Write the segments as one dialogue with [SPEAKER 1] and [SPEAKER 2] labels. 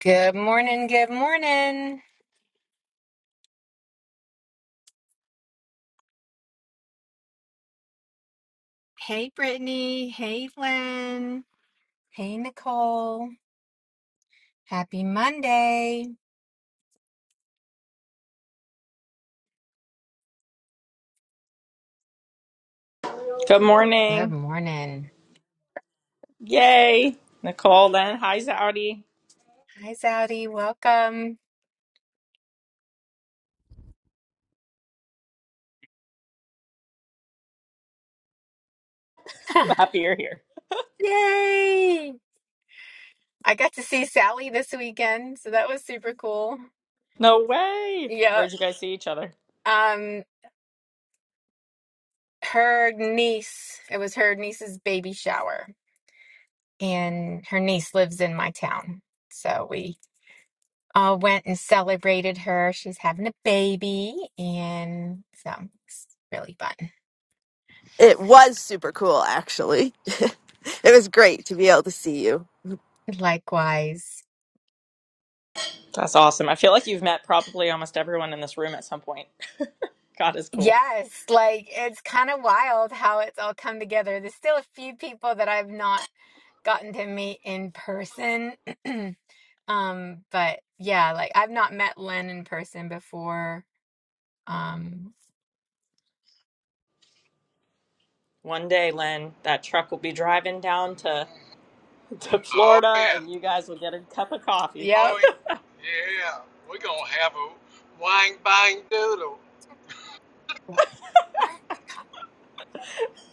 [SPEAKER 1] Good morning. Good morning. Hey, Brittany. Hey, Lynn. Hey, Nicole. Happy Monday.
[SPEAKER 2] Good
[SPEAKER 1] Good
[SPEAKER 2] morning.
[SPEAKER 1] morning.
[SPEAKER 2] Yay. Nicole then. Hi, Zaudi.
[SPEAKER 1] Hi, Zowdy. Welcome.
[SPEAKER 2] I'm Happy you're here.
[SPEAKER 1] Yay. I got to see Sally this weekend, so that was super cool.
[SPEAKER 2] No way.
[SPEAKER 1] Yeah.
[SPEAKER 2] Where'd you guys see each other?
[SPEAKER 1] Um, her niece, it was her niece's baby shower, and her niece lives in my town. So we uh, went and celebrated her. She's having a baby, and so it's really fun.
[SPEAKER 3] It was super cool, actually. it was great to be able to see you.
[SPEAKER 1] Likewise.
[SPEAKER 2] That's awesome. I feel like you've met probably almost everyone in this room at some point. God is cool.
[SPEAKER 1] Yes, like it's kind of wild how it's all come together. There's still a few people that I've not gotten to meet in person. um, but yeah, like I've not met Len in person before. Um,
[SPEAKER 2] One day, Len, that truck will be driving down to, to
[SPEAKER 4] Oh
[SPEAKER 2] Florida
[SPEAKER 4] yeah,
[SPEAKER 2] and you guys will get a cup of coffee.
[SPEAKER 1] yep.
[SPEAKER 4] oh yeah, we're gonna have a wang bang doodle.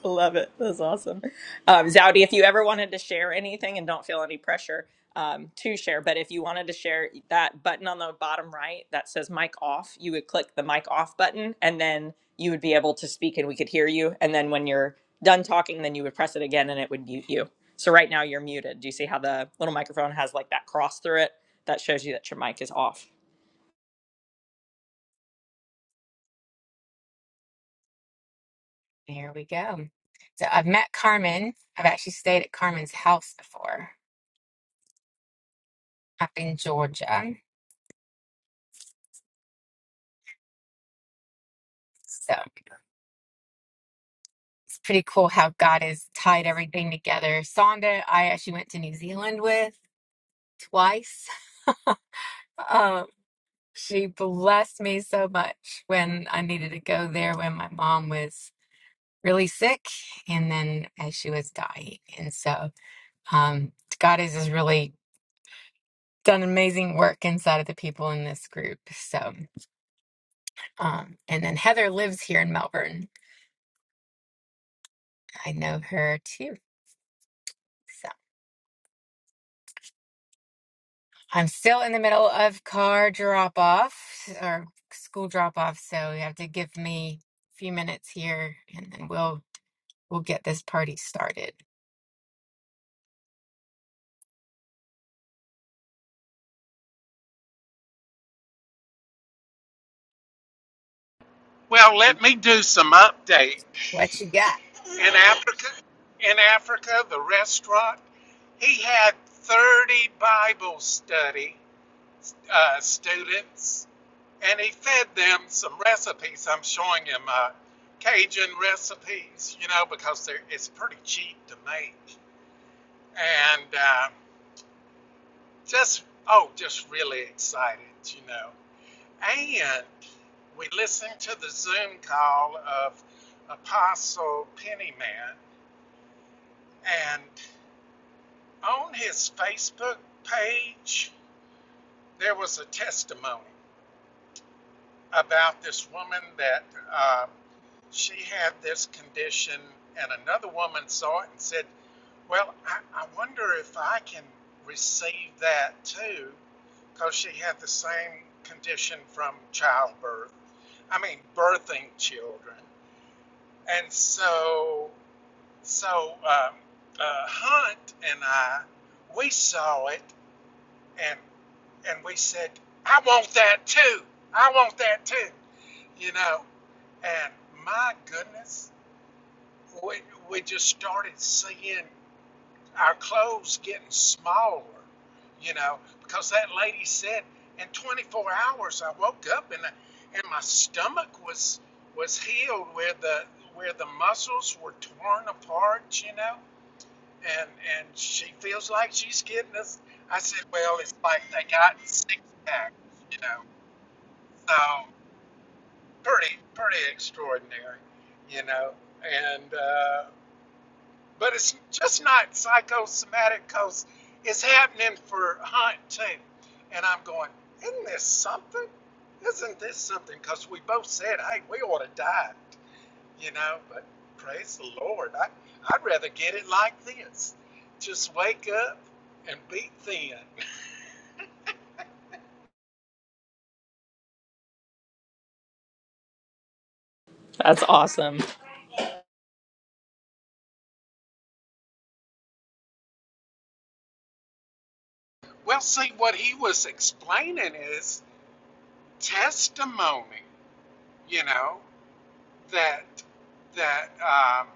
[SPEAKER 2] Love it. That's awesome. Um, Zowdy, if you ever wanted to share anything and don't feel any pressure um, to share, but if you wanted to share that button on the bottom right that says mic off, you would click the mic off button and then you would be able to speak and we could hear you. And then when you're done talking, then you would press it again and it would mute you. So right now you're muted. Do you see how the little microphone has like that cross through it? That shows you that your mic is off.
[SPEAKER 1] There we go. So I've met Carmen. I've actually stayed at Carmen's house before up in Georgia. So it's pretty cool how God has tied everything together. Sonda, I actually went to New Zealand with twice. Um, she blessed me so much when I needed to go there when my mom was really sick and then as she was dying. And so um, God has just really done amazing work inside of the people in this group. So, um, and then Heather lives here in Melbourne. I know her too. So, I'm still in the middle of car drop off or school drop off, so you have to give me a few minutes here and then we'll we'll get this party started.
[SPEAKER 4] Well, let me do some update.
[SPEAKER 1] What you got?
[SPEAKER 4] In Africa, in Africa, the restaurant he had thirty Bible study uh, students, and he fed them some recipes. I'm showing him uh, Cajun recipes, you know, because they're, it's pretty cheap to make, and uh, just oh, just really excited, you know. And we listened to the Zoom call of Apostle Pennyman, and on his Facebook page, there was a testimony about this woman that uh, she had this condition, and another woman saw it and said, Well, I, I wonder if I can receive that too, because she had the same condition from childbirth. I mean, birthing children. And so, so um, uh, Hunt and I, we saw it, and and we said, "I want that too. I want that too." You know, and my goodness, we we just started seeing our clothes getting smaller, you know, because that lady said in 24 hours I woke up and and my stomach was was healed where the where the muscles were torn apart, you know, and and she feels like she's getting this. I said, well, it's like they got six packs, you know, so pretty pretty extraordinary, you know, and. uh, But it's just not psychosomatic because it's happening for Hunt too. And I'm going, isn't this something? Isn't this something? Because we both said, hey, we ought to die, you know. But praise the Lord, I, I'd rather get it like this. Just wake up and be thin.
[SPEAKER 2] That's awesome.
[SPEAKER 4] Well, see, what he was explaining is testimony, you know, that that. um,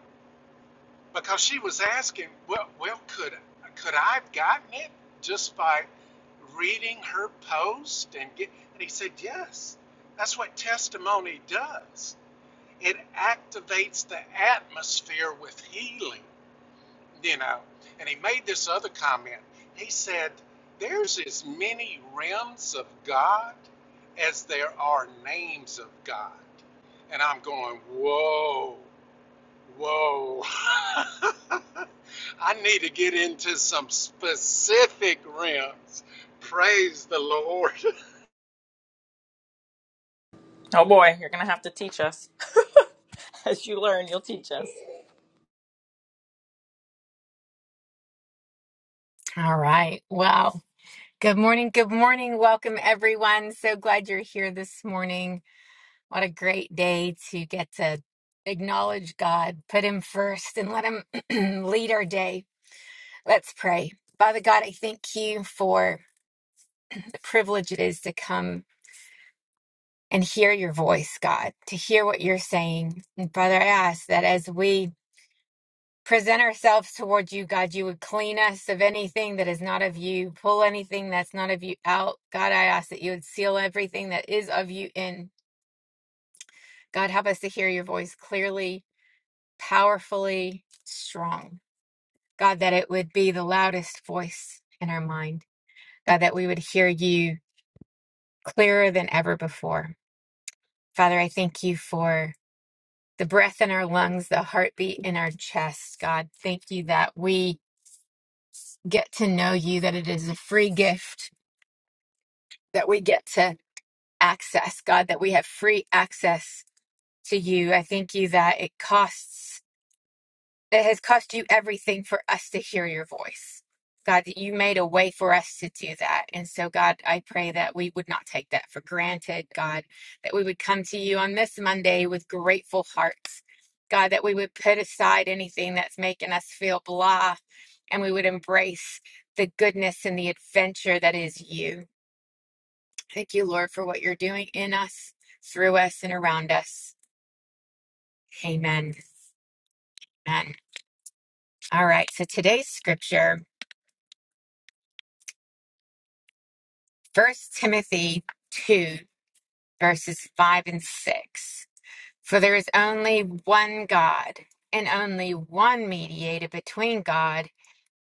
[SPEAKER 4] because she was asking, well, well, could could I have gotten it just by reading her post and get? And he said, yes. That's what testimony does. It activates the atmosphere with healing, you know. And he made this other comment. He said, "There's as many realms of God as there are names of God." And I'm going, whoa. Whoa. I need to get into some specific rims. Praise the Lord.
[SPEAKER 2] Oh boy, you're going to have to teach us. As you learn, you'll teach us.
[SPEAKER 1] All right. Well, good morning. Good morning. Welcome everyone. So glad you're here this morning. What a great day to get to acknowledge God, put him first and let him lead our day. Let's pray. Father God, I thank you for the privilege it is to come and hear your voice, God, to hear what you're saying. And Father, I ask that as we present ourselves toward you, God, you would clean us of anything that is not of you, pull anything that's not of you out. God, I ask that you would seal everything that is of you in. God, help us to hear your voice clearly, powerfully, strong. God, that it would be the loudest voice in our mind. God, that we would hear you clearer than ever before. Father, I thank you for. the breath in our lungs, the heartbeat in our chest. God, thank you that we get to know you, that it is a free gift that we get to access. God, that we have free access to you. I thank you that it costs. that has cost you everything for us to hear your voice. God, that you made a way for us to do that. And so, God, I pray that we would not take that for granted, God, that we would come to you on this Monday with grateful hearts. God, that we would put aside anything that's making us feel blah and we would embrace the goodness and the adventure that is you. Thank you, Lord, for what you're doing in us, through us, and around us. Amen. Amen. All right. So today's scripture. First Timothy 2, verses 5 and 6. For there is only one God, and only one mediator between God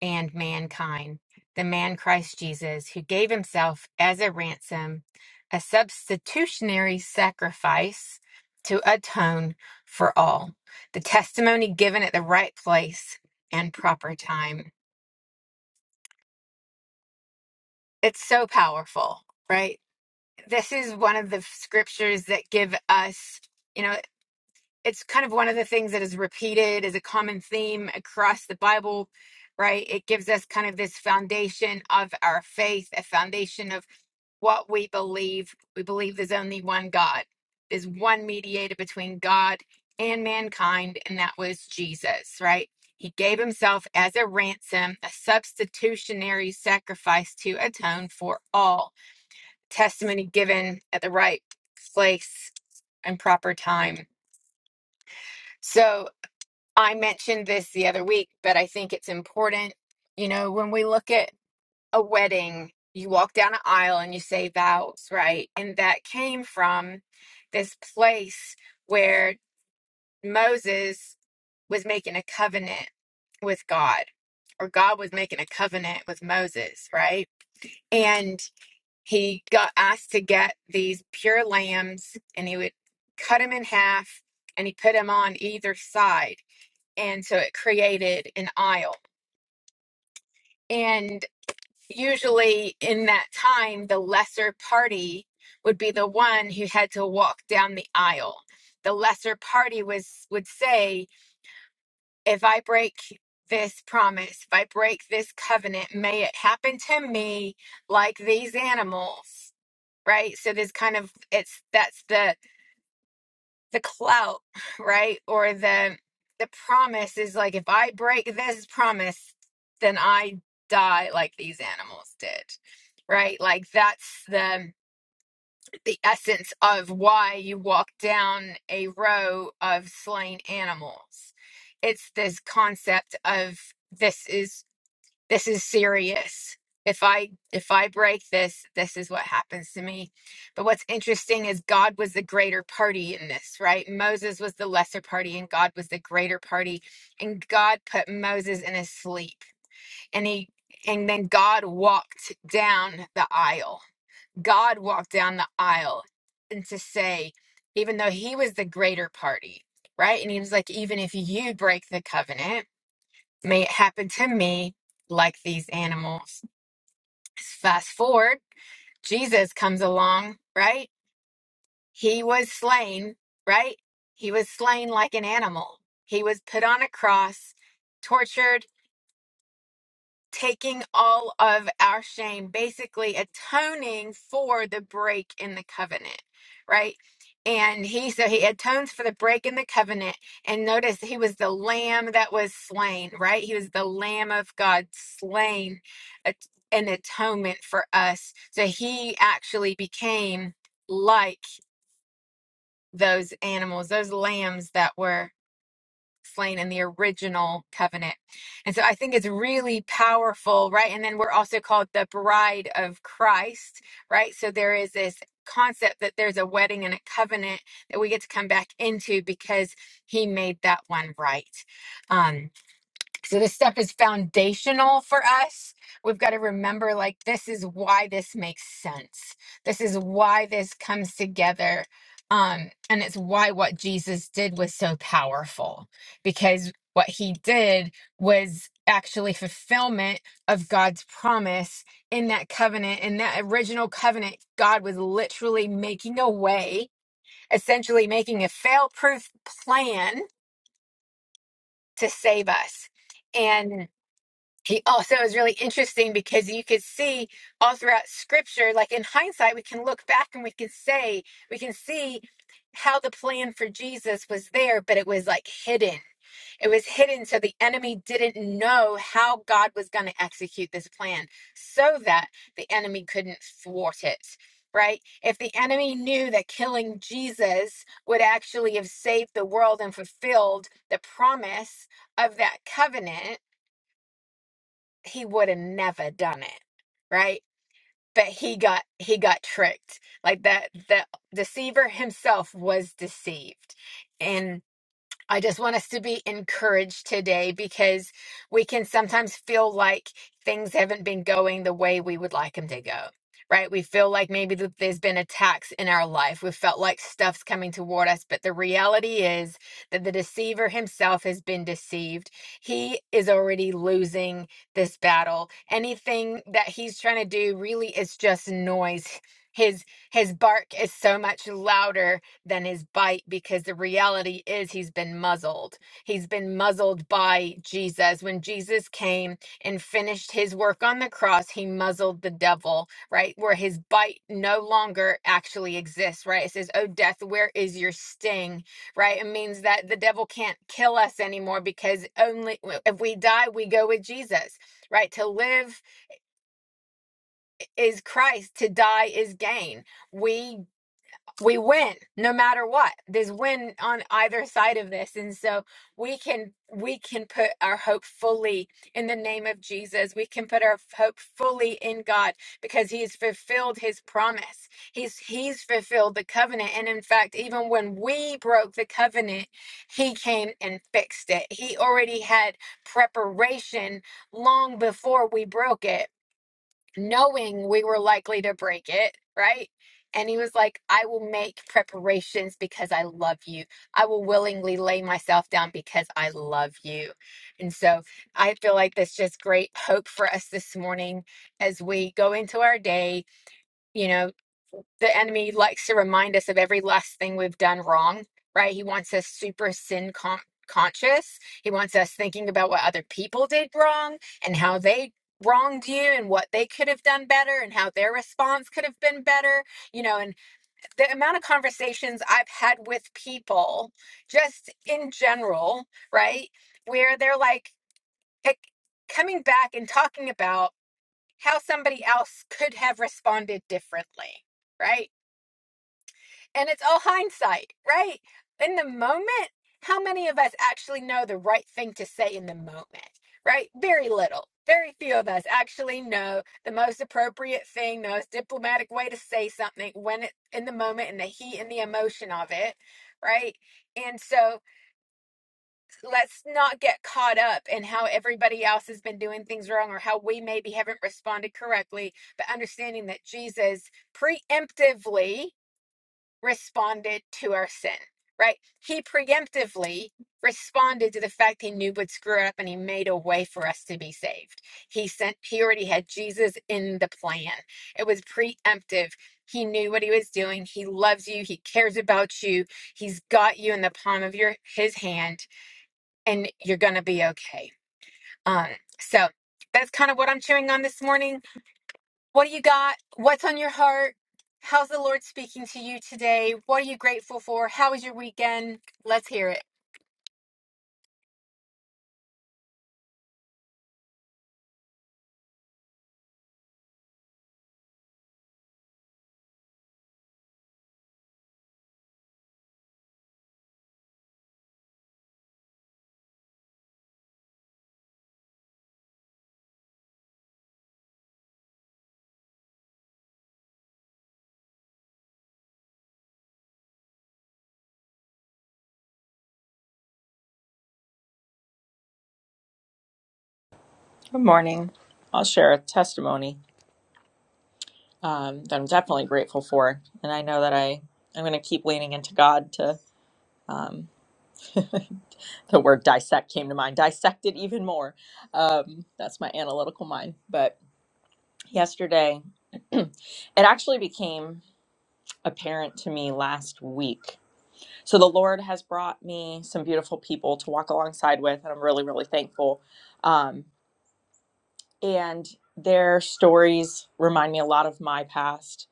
[SPEAKER 1] and mankind, the man Christ Jesus, who gave himself as a ransom, a substitutionary sacrifice to atone for all. The testimony given at the right place and proper time. It's so powerful, right? this is one of the scriptures that give us, you know, it's kind of one of the things that is repeated as a common theme across the Bible, right? It gives us kind of this foundation of our faith, a foundation of what we believe. We believe there's only one God, there's one mediator between God and mankind, and that was Jesus, right? He gave himself as a ransom, a substitutionary sacrifice to atone for all testimony given at the right place and proper time. So I mentioned this the other week, but I think it's important. You know, when we look at a wedding, you walk down an aisle and you say vows, right? And that came from this place where Moses was making a covenant with God, or God was making a covenant with Moses, right? And he got asked to get these pure lambs and he would cut them in half and he put them on either side and so it created an aisle and usually in that time the lesser party would be the one who had to walk down the aisle the lesser party was would say if i break this promise if i break this covenant may it happen to me like these animals right so there's kind of it's that's the the clout right or the the promise is like if i break this promise then i die like these animals did right like that's the the essence of why you walk down a row of slain animals it's this concept of this is this is serious if i if i break this this is what happens to me but what's interesting is god was the greater party in this right moses was the lesser party and god was the greater party and god put moses in his sleep and he and then god walked down the aisle god walked down the aisle and to say even though he was the greater party right and he was like even if you break the covenant May it happen to me like these animals. Fast forward, Jesus comes along, right? He was slain, right? He was slain like an animal. He was put on a cross, tortured, taking all of our shame, basically atoning for the break in the covenant, right? And he so he atones for the break in the covenant. And notice he was the lamb that was slain, right? He was the lamb of God slain at- an atonement for us. So he actually became like those animals, those lambs that were slain in the original covenant. And so I think it's really powerful, right? And then we're also called the bride of Christ, right? So there is this concept that there's a wedding and a covenant that we get to come back into because he made that one right. Um, so this stuff is foundational for us. We've got to remember like this is why this makes sense. This is why this comes together. Um, and it's why what Jesus did was so powerful because what he did was actually fulfillment of God's promise in that covenant. In that original covenant, God was literally making a way, essentially making a fail proof plan to save us. And he also is really interesting because you could see all throughout scripture like in hindsight we can look back and we can say we can see how the plan for Jesus was there but it was like hidden it was hidden so the enemy didn't know how God was going to execute this plan so that the enemy couldn't thwart it right if the enemy knew that killing Jesus would actually have saved the world and fulfilled the promise of that covenant he would have never done it right but he got he got tricked like that the deceiver himself was deceived and. I just want us to be encouraged today because we can sometimes feel like things haven't been going the way we would like them to go. Right? We feel like maybe that there's been attacks in our life. We felt like stuff's coming toward us, but the reality is that the deceiver himself has been deceived. He is already losing this battle. Anything that he's trying to do really is just noise. His his bark is so much louder than his bite because the reality is he's been muzzled. He's been muzzled by Jesus. When Jesus came and finished his work on the cross, he muzzled the devil, right? Where his bite no longer actually exists, right? It says, Oh, death, where is your sting, right? It means that the devil can't kill us anymore because only if we die, we go with Jesus, right? To live is Christ, to die is gain. We we win no matter what there's win on either side of this and so we can we can put our hope fully in the name of jesus we can put our hope fully in god because he's fulfilled his promise he's he's fulfilled the covenant and in fact even when we broke the covenant he came and fixed it he already had preparation long before we broke it knowing we were likely to break it, right? And he was like, I will make preparations because I love you. I will willingly lay myself down because I love you. And so I feel like that's just great hope for us this morning as we go into our day. You know the enemy likes to remind us of every last thing we've done wrong, right? He wants us super sin con- conscious. He wants us thinking about what other people did wrong and how they wronged you and what they could have done better and how their response could have been better. You know, and the amount of conversations I've had with people just in general, right? Where they're like like, coming back and talking about how somebody else could have responded differently, right? and it's all hindsight, right? In the moment, how many of us actually know the right thing to say in the moment, right? Very little. Very few of us actually know the most appropriate thing, the most diplomatic way to say something when it in the moment in the heat and the emotion of it, right? And so let's not get caught up in how everybody else has been doing things wrong or how we maybe haven't responded correctly, but understanding that Jesus preemptively responded to our sin, right? He preemptively responded to the fact he knew would screw it up and he made a way for us to be saved. He sent, he already had Jesus in the plan. It was preemptive. He knew what he was doing. He loves you. He cares about you. He's got you in the palm of your his hand and you're going to be okay. Um so that's kind of what I'm chewing on this morning what do you got? What's on your heart? How's the Lord speaking to you today? What are you grateful for? How was your weekend? Let's hear it.
[SPEAKER 2] Good morning. I'll share a testimony um, that I'm definitely grateful for, and I know that I I'm going to keep leaning into God to. Um, the word dissect came to mind. Dissect it even more. Um, that's my analytical mind. But yesterday, it actually became apparent to me last week. So the Lord has brought me some beautiful people to walk alongside with, and I'm really really thankful. Um, and their stories remind me a lot of my past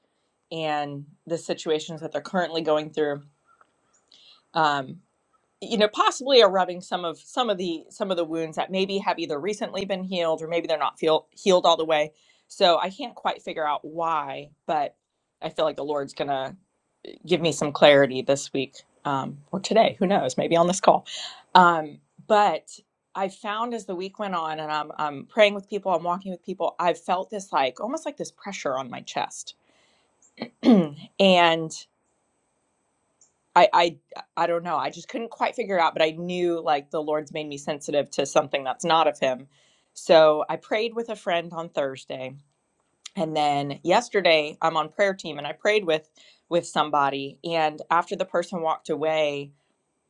[SPEAKER 2] and the situations that they're currently going through um, you know possibly are rubbing some of some of the some of the wounds that maybe have either recently been healed or maybe they're not feel, healed all the way so i can't quite figure out why but i feel like the lord's gonna give me some clarity this week um, or today who knows maybe on this call um, but i found as the week went on and I'm, I'm praying with people i'm walking with people i've felt this like almost like this pressure on my chest and I, I I don't know. I just couldn't quite figure it out, but I knew like the Lord's made me sensitive to something that's not of him. So I prayed with a friend on Thursday. And then yesterday I'm on prayer team and I prayed with with somebody and after the person walked away,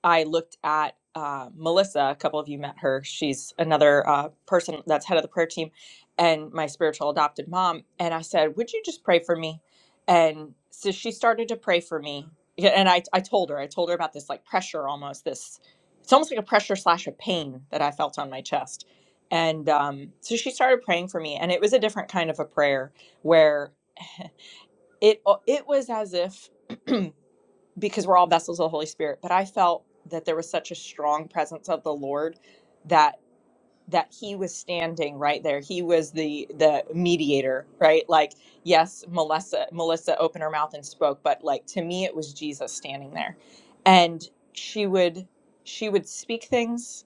[SPEAKER 2] I looked at uh, Melissa. A couple of you met her. She's another uh, person that's head of the prayer team, and my spiritual adopted mom. And I said, "Would you just pray for me?" And so she started to pray for me. Yeah, And I, I told her, I told her about this like pressure, almost this. It's almost like a pressure slash a pain that I felt on my chest. And um, so she started praying for me, and it was a different kind of a prayer where it it was as if because we're all vessels of the Holy Spirit, but I felt that there was such a strong presence of the Lord that that he was standing right there. He was the the mediator, right? Like yes, Melissa Melissa opened her mouth and spoke, but like to me it was Jesus standing there. And she would she would speak things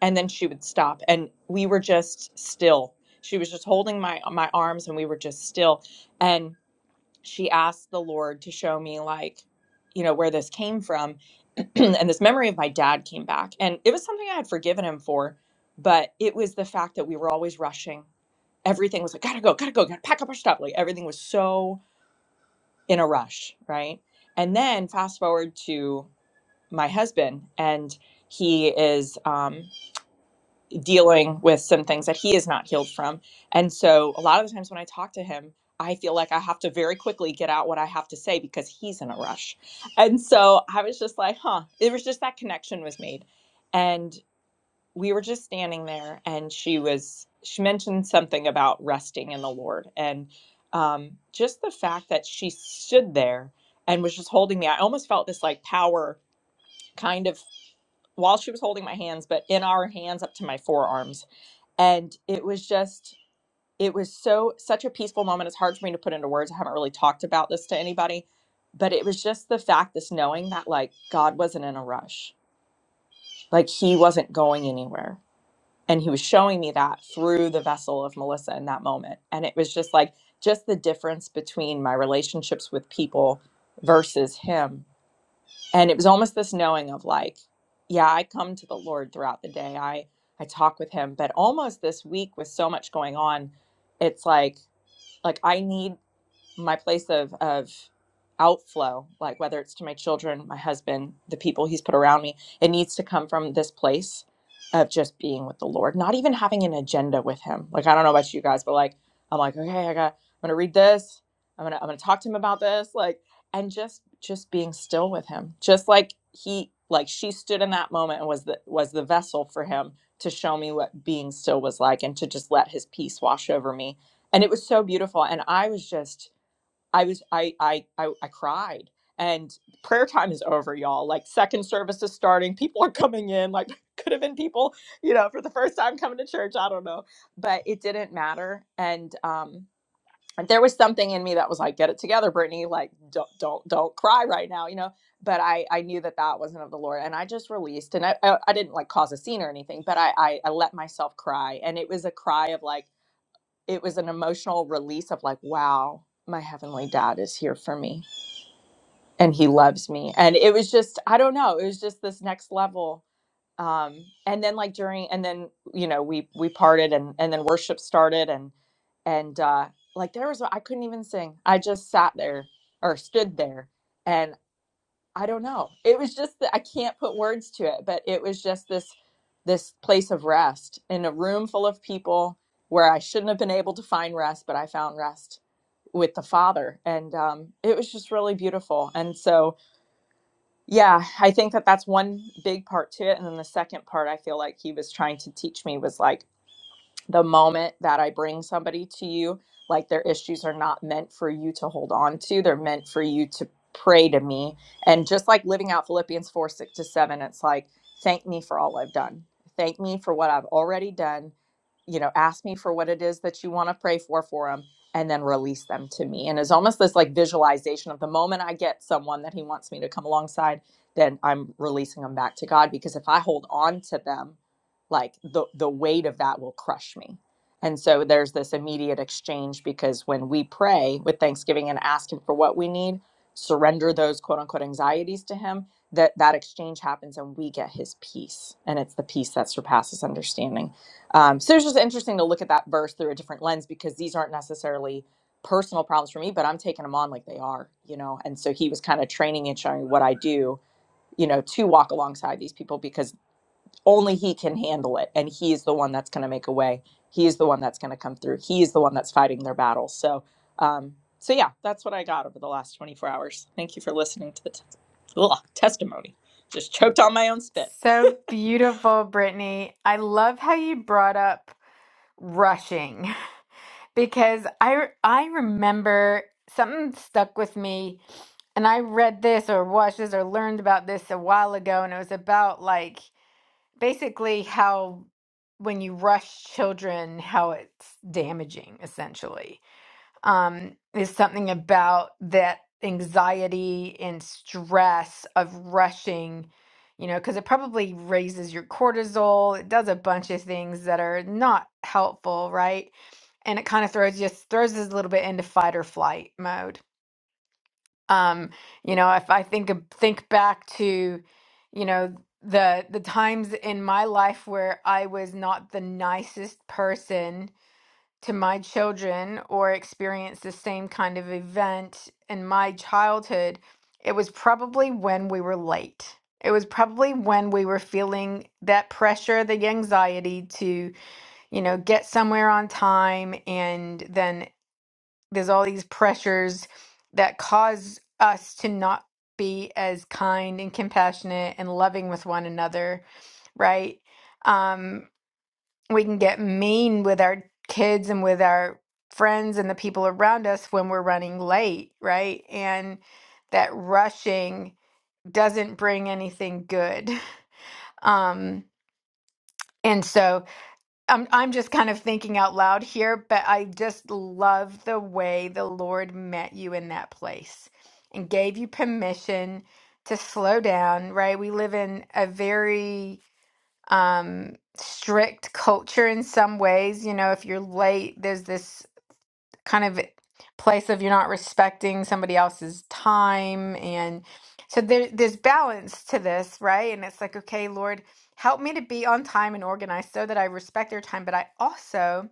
[SPEAKER 2] and then she would stop and we were just still. She was just holding my my arms and we were just still. and she asked the Lord to show me, like, you know, where this came from. and this memory of my dad came back. And it was something I had forgiven him for, but it was the fact that we were always rushing. Everything was like, gotta go, gotta go, gotta pack up our stuff. Like, everything was so in a rush, right? And then fast forward to my husband, and he is, um, dealing with some things that he is not healed from. And so a lot of the times when I talk to him, I feel like I have to very quickly get out what I have to say because he's in a rush. And so I was just like, huh, it was just that connection was made. And we were just standing there and she was she mentioned something about resting in the Lord and um just the fact that she stood there and was just holding me. I almost felt this like power kind of while she was holding my hands, but in our hands up to my forearms and it was just it was so such a peaceful moment it's hard for me to put into words i haven't really talked about this to anybody but it was just the fact this knowing that like god wasn't in a rush like he wasn't going anywhere and he was showing me that through the vessel of melissa in that moment and it was just like just the difference between my relationships with people versus him and it was almost this knowing of like yeah i come to the lord throughout the day i i talk with him but almost this week with so much going on it's like like i need my place of of outflow like whether it's to my children my husband the people he's put around me it needs to come from this place of just being with the lord not even having an agenda with him like i don't know about you guys but like i'm like okay i got i'm gonna read this i'm gonna i'm gonna talk to him about this like and just just being still with him just like he like she stood in that moment and was the was the vessel for him to show me what being still was like and to just let his peace wash over me and it was so beautiful and i was just I was I I I, I cried. And prayer time is over, y'all. Like second service is starting. People are coming in. Like could have been people, you know, for the first time coming to church. I don't know, but it didn't matter. And um, there was something in me that was like, get it together, Brittany. Like don't don't don't cry right now, you know. But I I knew that that wasn't of the Lord, and I just released. And I I, I didn't like cause a scene or anything, but I, I I let myself cry, and it was a cry of like it was an emotional release of like wow my heavenly dad is here for me and he loves me and it was just i don't know it was just this next level um and then like during and then you know we we parted and and then worship started and and uh like there was i couldn't even sing i just sat there or stood there and. I don't know. It was just that I can't put words to it, but it was just this this place of rest in a room full of people where I shouldn't have been able to find rest, but I found rest with the Father, and um, it was just really beautiful. And so, yeah, I think that that's one big part to it, and then the second part I feel like he was trying to teach me was like the moment that I bring somebody to you, like their issues are not meant for you to hold on to. They're meant for you to pray to me. And just like living out Philippians 4 6 to 7, it's like, thank me for all I've done. Thank me for what I've already done. You know, ask me for what it is that you want to pray for for them and then release them to me. And it's almost this like visualization of the moment I get someone that he wants me to come alongside, then I'm releasing them back to God. Because if I hold on to them, like the the weight of that will crush me and so there's this immediate exchange because when we pray with thanksgiving and ask him for what we need surrender those quote unquote anxieties to him that that exchange happens and we get his peace and it's the peace that surpasses understanding um, so it's just interesting to look at that verse through a different lens because these aren't necessarily personal problems for me but i'm taking them on like they are you know and so he was kind of training and showing what i do you know to walk alongside these people because only he can handle it and he's the one that's going to make a way he's the one that's going to come through he's the one that's fighting their battles so um so yeah that's what i got over the last 24 hours thank you for listening to the t- ugh, testimony just choked on my own spit
[SPEAKER 1] So beautiful, Brittany. I love how you brought up rushing because I I remember something stuck with me and I read this or watched this or learned about this a while ago and it was about like basically how when you rush children how it's damaging essentially. um, is something about that anxiety and stress of rushing, you know, because it probably raises your cortisol. It does a bunch of things that are not helpful, right? And it kind of throws just throws us a little bit into fight or flight mode. Um, you know, if I think of, think back to, you know, the the times in my life where I was not the nicest person to my children or experience the same kind of event in my childhood, it was probably when we were late. It was probably when we were feeling that pressure, the anxiety to, you know, get somewhere on time. And then there's all these pressures that cause us to not be as kind and compassionate and loving with one another, right? Um, we can get mean with our kids and with our friends and the people around us when we're running late, right? And that rushing doesn't bring anything good. Um, and so I'm I'm just kind of thinking out loud here, but I just love the way the Lord met you in that place and gave you permission to slow down, right? We live in a very um, strict culture in some ways. You know, if you're late, there's this kind of place of you're not respecting somebody else's time. And so there, there's balance to this, right? And it's like, okay, Lord, help me to be on time and organized so that I respect their time, but I also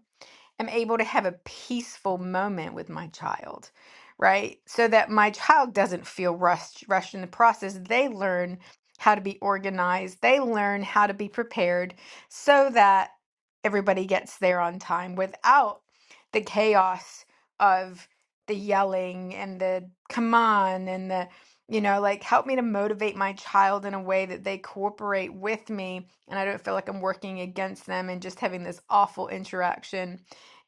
[SPEAKER 1] am able to have a peaceful moment with my child, right? So that my child doesn't feel rushed, rushed in the process. They learn how to be organized, they learn how to be prepared so that everybody gets there on time without the chaos of the yelling and the come on and the you know like help me to motivate my child in a way that they cooperate with me and i don't feel like i'm working against them and just having this awful interaction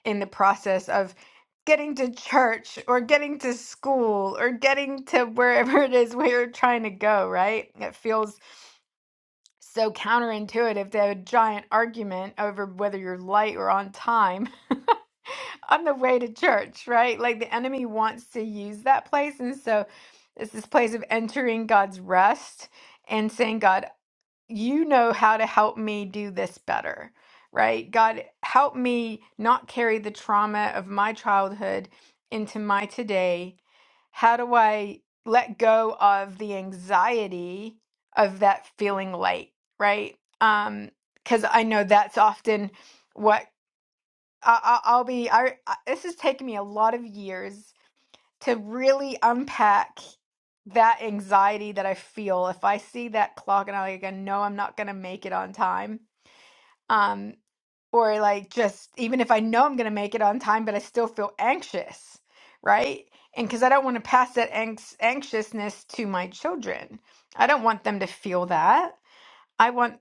[SPEAKER 1] in the process of getting to church or getting to school or getting to wherever it is we're trying to go, right? It feels so counterintuitive to have a giant argument over whether you're late or on time on the way to church, right? Like the enemy wants to use that place. And so it's this place of entering God's rest and saying, God, you know how to help me do this better, right? God, help me not carry the trauma of my childhood into my today. How do I let go of the anxiety of that feeling light, right? Um, because I know that's often what I, I, I'll be. I, I this has taken me a lot of years to really unpack that anxiety that I feel if I see that clock and I like I know I'm not gonna make it on time. Um, or like just even if I know I'm gonna make it on time, but I still feel anxious, right? And because I don't want to pass that anx- anxiousness to my children, I don't want them to feel that. I want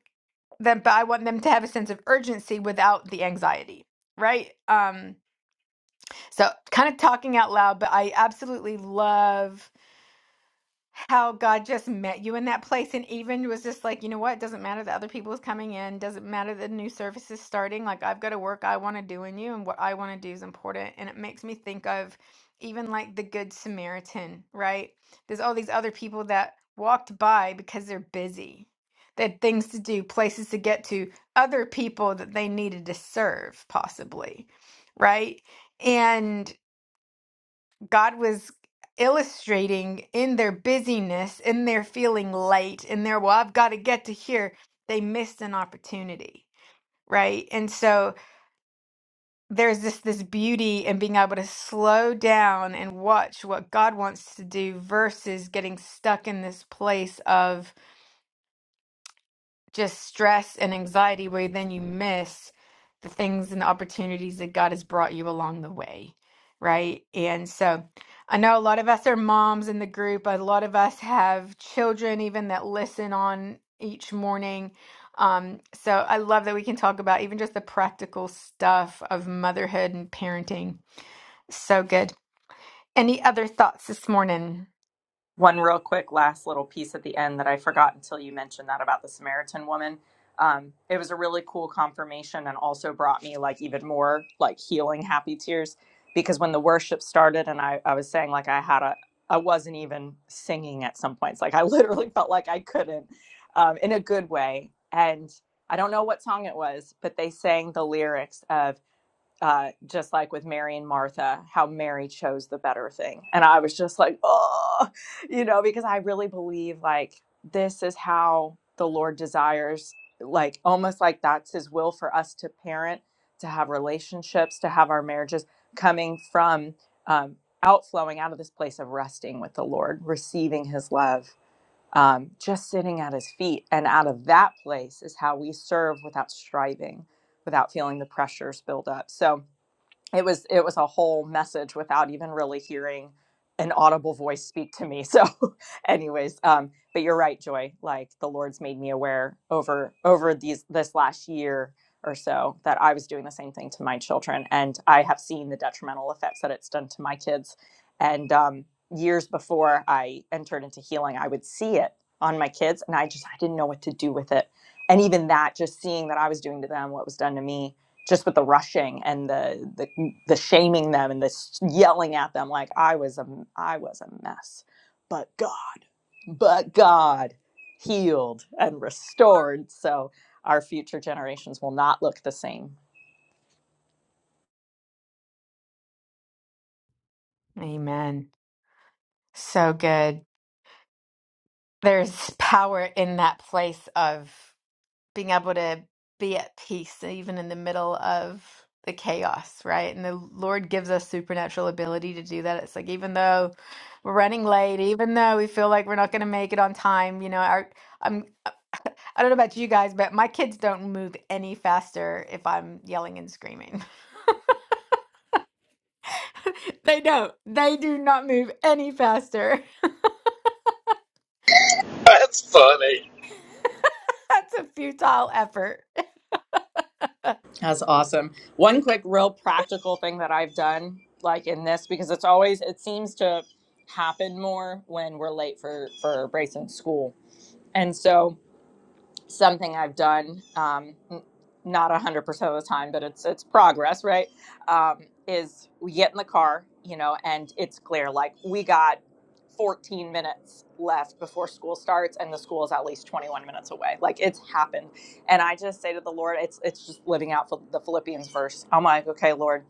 [SPEAKER 1] them, but I want them to have a sense of urgency without the anxiety, right? Um, so kind of talking out loud, but I absolutely love. how God just met you in that place and even was just like, you know what, doesn't matter that other people is coming in, doesn't matter that new service is starting, like I've got to work I want to do in you and what I want to do is important. And it makes me think of even like the Good Samaritan, right? There's all these other people that walked by because they're busy. They had things to do, places to get to, other people that they needed to serve, possibly, right? And. God was illustrating in their busyness, in their feeling late, in their, well, I've got to get to here, they missed an opportunity, right? And so there's this this beauty in being able to slow down and watch what God wants to do versus getting stuck in this place of. just stress and anxiety where then you miss the things and the opportunities that God has brought you along the way, right? And so I know a lot of us are moms in the group. A lot of us have children even that listen on each morning. Um, so I love that we can talk about even just the practical stuff of motherhood and parenting. So good. Any other thoughts this morning?
[SPEAKER 2] one real quick last little piece at the end that I forgot until you mentioned that about the Samaritan woman. Um, it was a really cool confirmation and also brought me like even more like healing happy tears because when the worship started and I, I was saying like I had a I wasn't even singing at some points like I literally felt like I couldn't um, in a good way and I don't know what song it was but they sang the lyrics of uh, just like with Mary and Martha, how Mary chose the better thing. And I was just like, oh, you know, because I really believe like this is how the Lord desires, like almost like that's his will for us to parent, to have relationships, to have our marriages coming from um, outflowing out of this place of resting with the Lord, receiving his love. Um, just sitting at his feet. And out of that place is how we serve without striving, without feeling the pressures build up. So, it was it was a whole message without even really hearing an audible voice speak to me so anyways um but you're right joy like the lord's made me aware over over these this last year or so that i was doing the same thing to my children and i have seen the detrimental effects that it's done to my kids and um years before i entered into healing i would see it on my kids and i just i didn't know what to do with it and even that just seeing that i was doing to them what was done to me just with the rushing and the the, the shaming them and the yelling at them like I was a I was a mess but God but God healed and restored so our future generations will not look the same
[SPEAKER 1] Amen. So good. there's power in that place of being able to be at peace even in the middle of the chaos right and the lord gives us supernatural ability to do that it's like even though we're running late even though we feel like we're not going to make it on time you know our i'm i don't know about you guys but my kids don't move any faster if i'm yelling and screaming they don't they do not move any faster
[SPEAKER 4] That's funny.
[SPEAKER 1] that's a futile effort
[SPEAKER 2] that's awesome one quick real practical thing that I've done like in this because it's always it seems to happen more when we're late for for Brayson's school and so something I've done, um, n- not 100% of the time, but it's, it's progress, right? Um, is we get in the car, you know, and it's clear like we got 14 minutes left before school starts and the school is at least 21 minutes away. Like it's happened. And I just say to the Lord, it's, it's just living out the Philippians verse. I'm like, okay, Lord,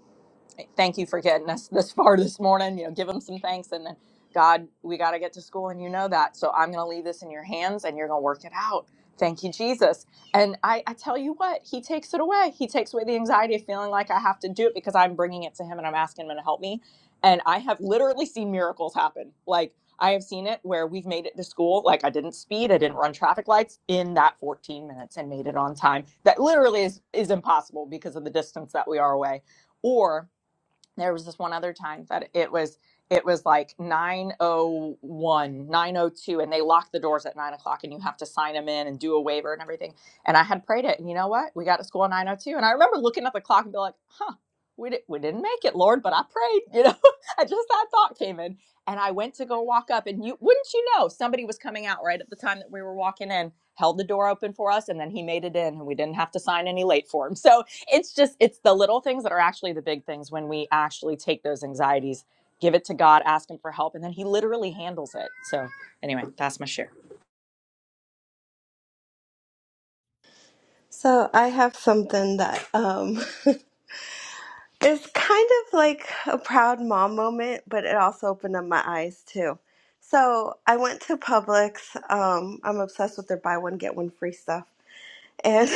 [SPEAKER 2] thank you for getting us this far this morning. You know, give them some thanks. And then, God, we got to get to school, and you know that. So I'm going to leave this in your hands, and you're going to work it out. Thank you, Jesus. And I, I tell you what, he takes it away. He takes away the anxiety of feeling like I have to do it because I'm bringing it to him and I'm asking him to help me. And I have literally seen miracles happen. Like, I have seen it where we've made it to school. Like, I didn't speed, I didn't run traffic lights in that 14 minutes and made it on time. That literally is, is impossible because of the distance that we are away. Or there was this one other time that it was it was like nine o one, nine o two, and they lock the doors at 9 o'clock and you have to sign them in and do a waiver and everything and i had prayed it and you know what we got to school at 902 and i remember looking at the clock and be like huh we, di- we didn't make it lord but i prayed you know i just that thought came in and i went to go walk up and you wouldn't you know somebody was coming out right at the time that we were walking in held the door open for us and then he made it in and we didn't have to sign any late forms So it's just it's the little things that are actually the big things when we actually take those anxieties give it to god ask him for help and then he literally handles it so anyway that's my share
[SPEAKER 5] So I have something that um is kind of like a proud mom moment, but it also opened up my eyes too. So I went to Publix. Um, I'm obsessed with their buy one get one free stuff, and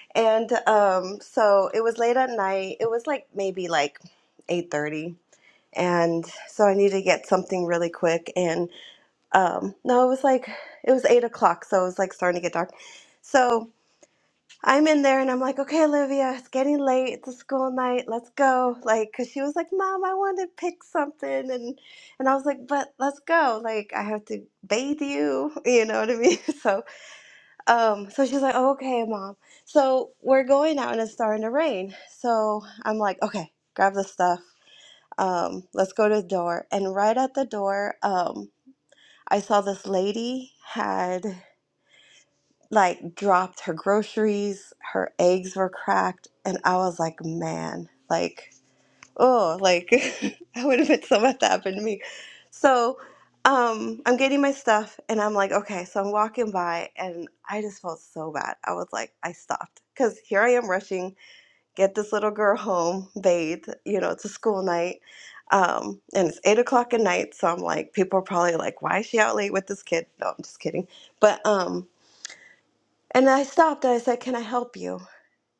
[SPEAKER 5] and um, so it was late at night. It was like maybe like eight thirty, and so I needed to get something really quick. And um, no, it was like it was eight o'clock, so it was like starting to get dark. So I'm in there and I'm like, okay, Olivia, it's getting late. It's a school night. Let's go. Like, cause she was like, Mom, I want to pick something. And, and I was like, but let's go. Like, I have to bathe you. You know what I mean? So, um, so she's like, oh, okay, Mom. So we're going out and it's starting to rain. So I'm like, okay, grab the stuff. Um, let's go to the door. And right at the door, um, I saw this lady had like dropped her groceries, her eggs were cracked, and I was like, man, like, oh, like I would have been so much that happened to me. So um I'm getting my stuff and I'm like, okay, so I'm walking by and I just felt so bad. I was like, I stopped. Cause here I am rushing, get this little girl home, bathe, you know, it's a school night. Um, and it's eight o'clock at night, so I'm like, people are probably like, why is she out late with this kid? No, I'm just kidding. But um and I stopped and I said, "Can I help you?"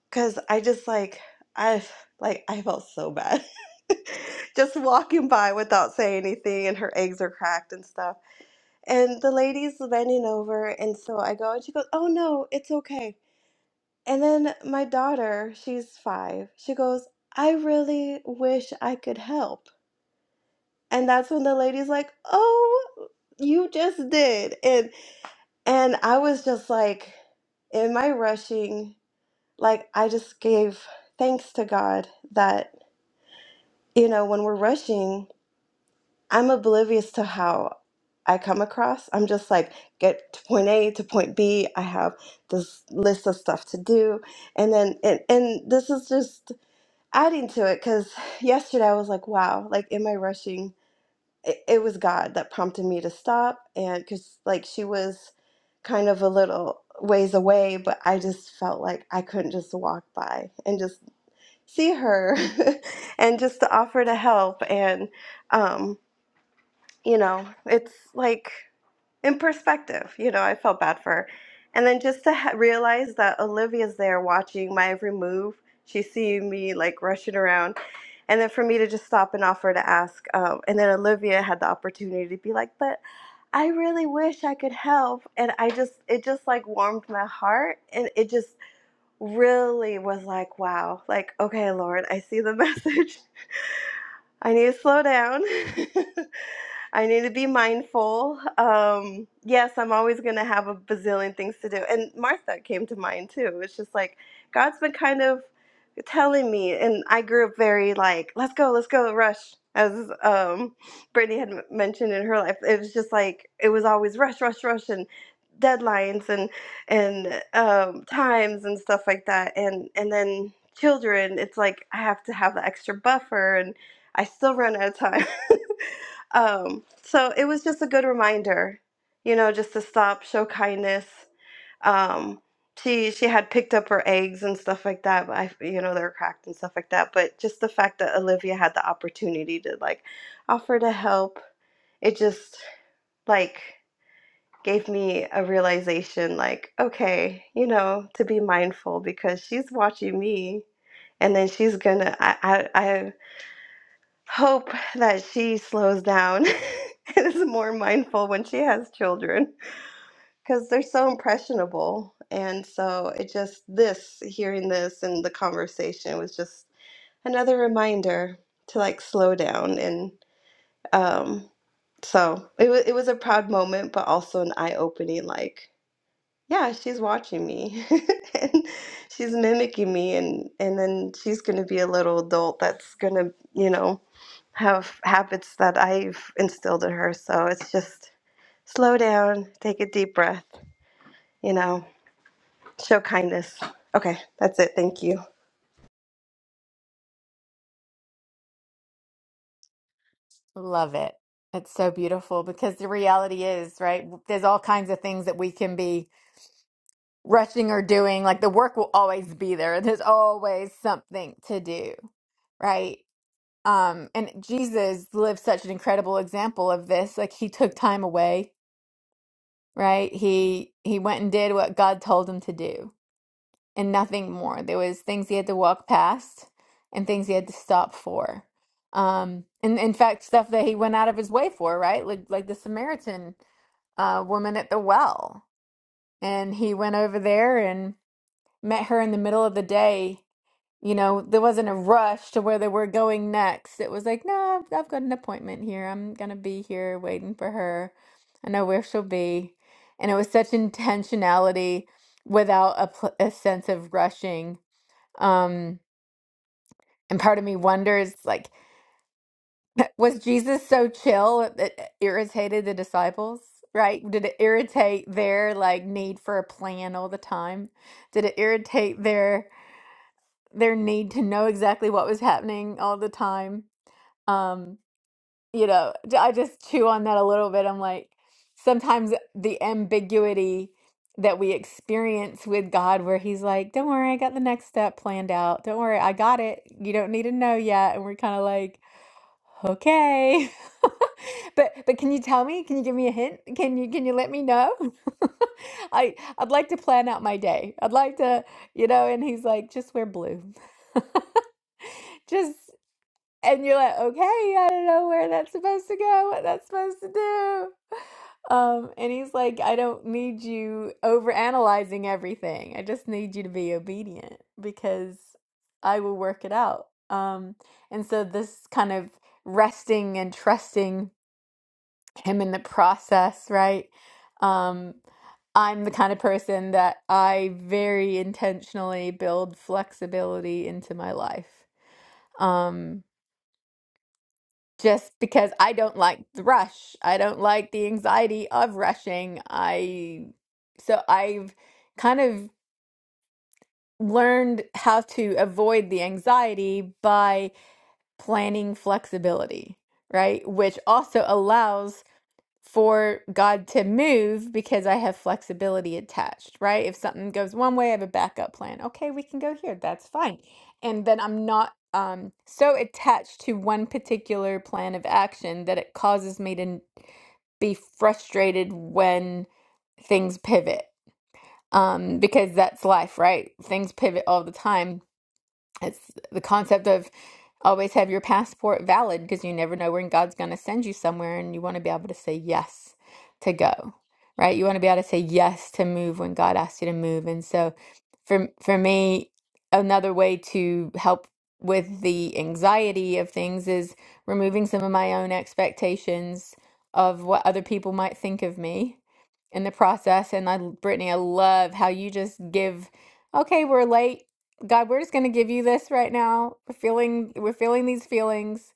[SPEAKER 5] Because I just like I like I felt so bad, just walking by without saying anything, and her eggs are cracked and stuff. And the lady's bending over, and so I go, and she goes, "Oh no, it's okay." And then my daughter, she's five, she goes, "I really wish I could help." And that's when the lady's like, "Oh, you just did," and and I was just like, "Am I rushing?" like I just gave thanks to God that, you know, when we're rushing, I'm oblivious to how I come across. I'm just like, get to point A to point B. I have this list of stuff to do. And then, and, and this is just adding to it because yesterday I was like, wow, like, am I rushing? It, it was God that prompted me to stop. And because, like, she was kind of a little ways away, but I just felt like I couldn't just walk by and just see her and just to offer to help and um you know it's like in perspective you know i felt bad for her and then just to ha- realize that olivia's there watching my every move she's seeing me like rushing around and then for me to just stop and offer to ask um, and then olivia had the opportunity to be like but i really wish i could help and i just it just like warmed my heart and it just really was like, wow, like, okay, Lauren, I see the message. I need to slow down. I need to be mindful. Um, yes, I'm always going to have a bazillion things to do. And Martha came to mind too. It's just like God's been kind of telling me, and I grew up very like, let's go, let's go, rush. As um, Brittany had m- mentioned in her life, it was just like it was always rush, rush, rush, and deadlines and and um, times and stuff like that. And and then children, it's like I have to have the extra buffer, and I still run out of time. Um, so it was just a good reminder, you know, just to stop, show kindness. Um, she she had picked up her eggs and stuff like that, but I, you know, they're cracked and stuff like that. But just the fact that Olivia had the opportunity to like offer to help, it just like gave me a realization, like, okay, you know, to be mindful because she's watching me, and then she's gonna, I, I, I hope that she slows down and is more mindful when she has children because they're so impressionable. And so it just, this, hearing this and the conversation was just another reminder to like slow down. And um, so it, wa it was a proud moment, but also an eye opening like, yeah, she's watching me and she's mimicking me. And, and then she's going to be a little adult that's going to, you know, have habits that I've instilled in her. So it's just slow down, take a deep breath, you know, show kindness. Okay, that's it. Thank you.
[SPEAKER 1] Love it. It's so beautiful because the reality is, right? There's all kinds of things that we can be rushing or doing. Like the work will always be there. There's always something to do, right? Um, and Jesus lived such an incredible example of this. Like he took time away, right? He he went and did what God told him to do and nothing more. There was things he had to walk past and things he had to stop for um and in fact stuff that he went out of his way for right like like the samaritan uh, woman at the well. And he went over there and met her in the middle of the day. You know, there wasn't a rush to where they were going next. It was like, no, I've, I've got an appointment here. I'm going to be here waiting for her. I know where she'll be. And it was such intentionality without a, pl- a sense of rushing. Um, and part of me wonders, like, Was Jesus so chill that it irritated the disciples? Right? Did it irritate their like need for a plan all the time? Did it irritate their their need to know exactly what was happening all the time? Um, you know, j- I just chew on that a little bit. I'm like, sometimes the ambiguity that we experience with God, where He's like, "Don't worry, I got the next step planned out. Don't worry, I got it. You don't need to know yet." And we're kind of like, Okay. But but can you tell me? Can you give me a hint? Can you can you let me know? I I'd like to plan out my day. I'd like to, you know, and he's like, just wear blue. Just and you're like, okay, I don't know where that's supposed to go, what that's supposed to do. Um, and he's like, I don't need you overanalyzing everything. I just need you to be obedient because I will work it out. Um, and so this kind of resting and trusting him in the process, right? Um, I'm the kind of person that I very intentionally build flexibility into my life. Um, just because I don't like the rush. I don't like the anxiety of rushing. I so I've kind of learned how to avoid the anxiety by planning flexibility, right? Which also allows for God to move because I have flexibility attached, right? If something goes one way, I have a backup plan. Okay, we can go here. That's fine. And then I'm not um, so attached to one particular plan of action that it causes me to n- be frustrated when things pivot. Um, because that's life, right? Things pivot all the time it's the concept of always have your passport valid because you never know when God's going to send you somewhere and you want to be able to say yes to go, right? You want to be able to say yes to move when God asks you to move. And so for for me, another way to help with the anxiety of things is removing some of my own expectations of what other people might think of me in the process. And I, Brittany, I love how you just give, okay, we're late. God, we're just going to give you this right now. We're feeling, we're feeling these feelings.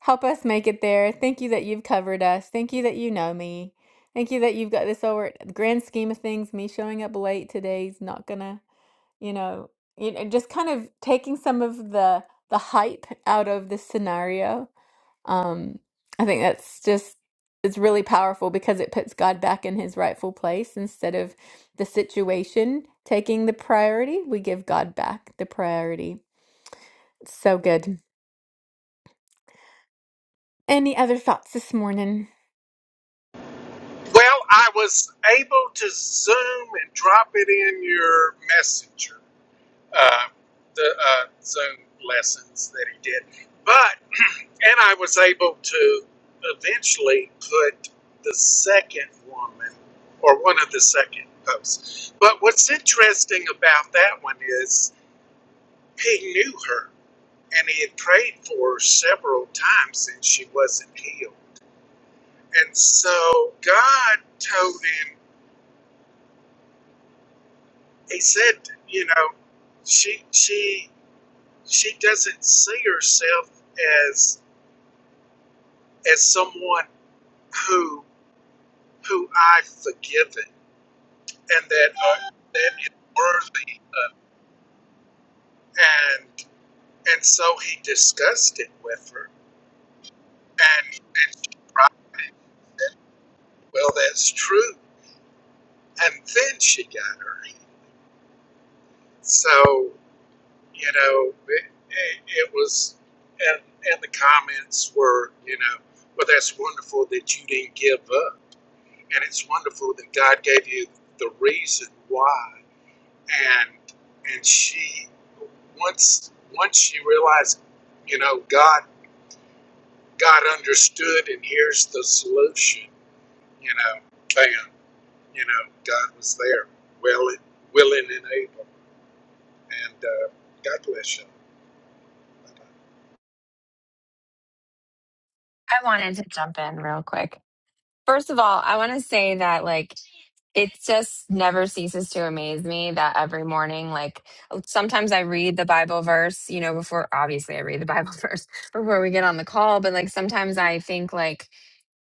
[SPEAKER 1] Help us make it there. Thank you that you've covered us. Thank you that you know me. Thank you that you've got this over the grand scheme of things. Me showing up late today is not gonna, you know, you know, just kind of taking some of the the hype out of this scenario um, I think that's just it's really powerful because it puts God back in his rightful place instead of the situation taking the priority, we give God back the priority. So good. Any other thoughts this morning?
[SPEAKER 4] Well, I was able to Zoom and drop it in your messenger, uh, the uh, Zoom lessons that he did. But, and I was able to eventually put the second woman or one of the second posts. But what's interesting about that one is. He knew her, and he had prayed for her several times since she wasn't healed. And so God told him, He said, you know, she she she doesn't see herself as as someone who who I've forgiven and that uh, that is worthy of. And and so he discussed it with her, and and she cried, well, that's true. And then she got her. So, you know, it, it, it was, and, and the comments were, you know, well, that's wonderful that you didn't give up. And it's wonderful that God gave you the reason why. And, and she, once, once she realized, you know, God, God understood and here's the solution, you know, bam, you know, God was there, willing, willing and able. And, uh, God bless you.
[SPEAKER 6] I wanted to jump in real quick. First of all, I want to say that like it just never ceases to amaze me that every morning, like oh, sometimes I read the Bible verse, you know, before obviously I read the Bible verse before we get on the call, but like sometimes I think like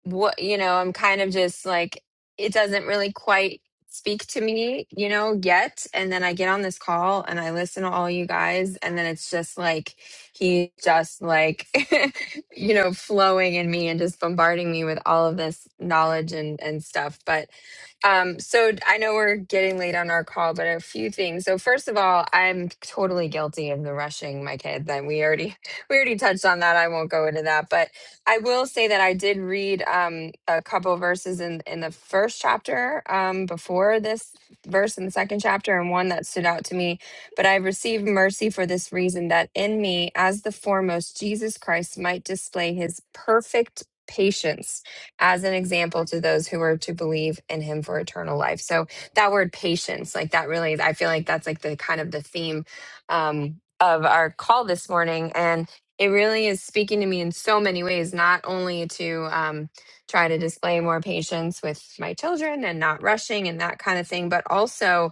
[SPEAKER 6] what you know i'm kind of just like it doesn't really quite speak to me you know yet and then i get on this call and i listen to all you guys and then it's just like he's just like you know flowing in me and just bombarding me with all of this knowledge and and stuff but um so d- i know we're getting late on our call but a few things so first of all i'm totally guilty of the rushing my kids and we already we already touched on that i won't go into that but I will say that I did read um, a couple verses in in the first chapter um, before this verse in the second chapter, and one that stood out to me. But I received mercy for this reason, that in me, as the foremost, Jesus Christ might display His perfect patience as an example to those who are to believe in Him for eternal life. So that word patience, like that, really, I feel like that's like the kind of the theme um, of our call this morning, and it really is speaking to me in so many ways, not only to um, try to display more patience with my children and not rushing and that kind of thing, but also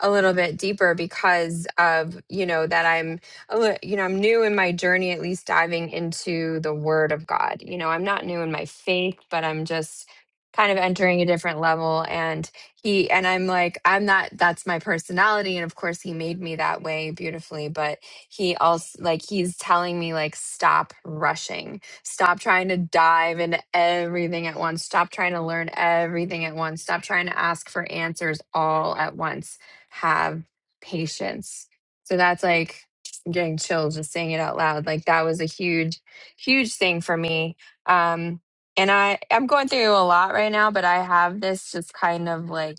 [SPEAKER 6] a little bit deeper because of you know that i'm a li- you know i'm new in my journey at least diving into the word of god you know i'm not new in my faith but i'm just kind of entering a different level and he and i'm like i'm not that's my personality and of course he made me that way beautifully but he also like he's telling me like stop rushing stop trying to dive into everything at once stop trying to learn everything at once stop trying to ask for answers all at once have patience. So that's like I'm getting chills just saying it out loud. Like that was a huge, huge thing for me. Um, and I I'm going through a lot right now, but I have this just kind of like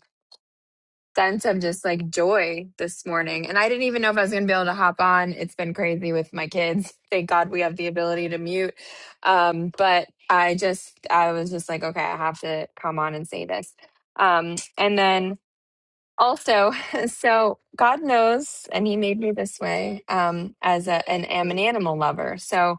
[SPEAKER 6] sense of just like joy this morning. And I didn't even know if I was gonna be able to hop on. It's been crazy with my kids. Thank God we have the ability to mute. Um, but I just I was just like, okay, I have to come on and say this. Um, and then also so god knows and he made me this way um as a, an, am an animal lover so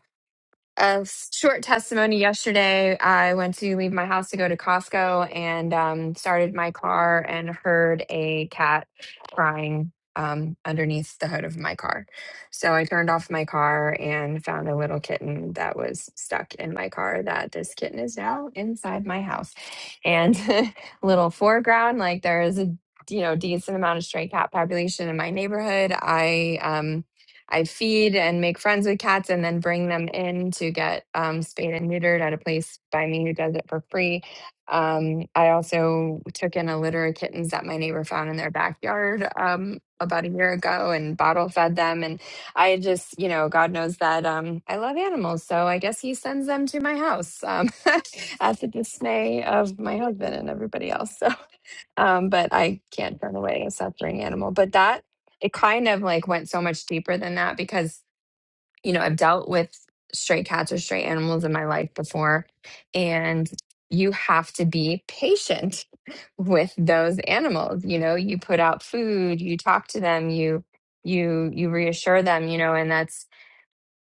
[SPEAKER 6] a short testimony yesterday i went to leave my house to go to costco and um, started my car and heard a cat crying um, underneath the hood of my car so i turned off my car and found a little kitten that was stuck in my car that this kitten is now inside my house and little foreground like there is a you know decent amount of stray cat population in my neighborhood i um, I feed and make friends with cats and then bring them in to get um, spayed and neutered at a place by me who does it for free. Um, I also took in a litter of kittens that my neighbor found in their backyard um, about a year ago and bottle fed them. And I just, you know, God knows that um, I love animals. So I guess he sends them to my house um, at the dismay of my husband and everybody else. So um, but I can't turn away a suffering animal. But that it kind of like went so much deeper than that because you know I've dealt with stray cats or stray animals in my life before, and you have to be patient with those animals. You know, you put out food, you talk to them, you you you reassure them. You know, and that's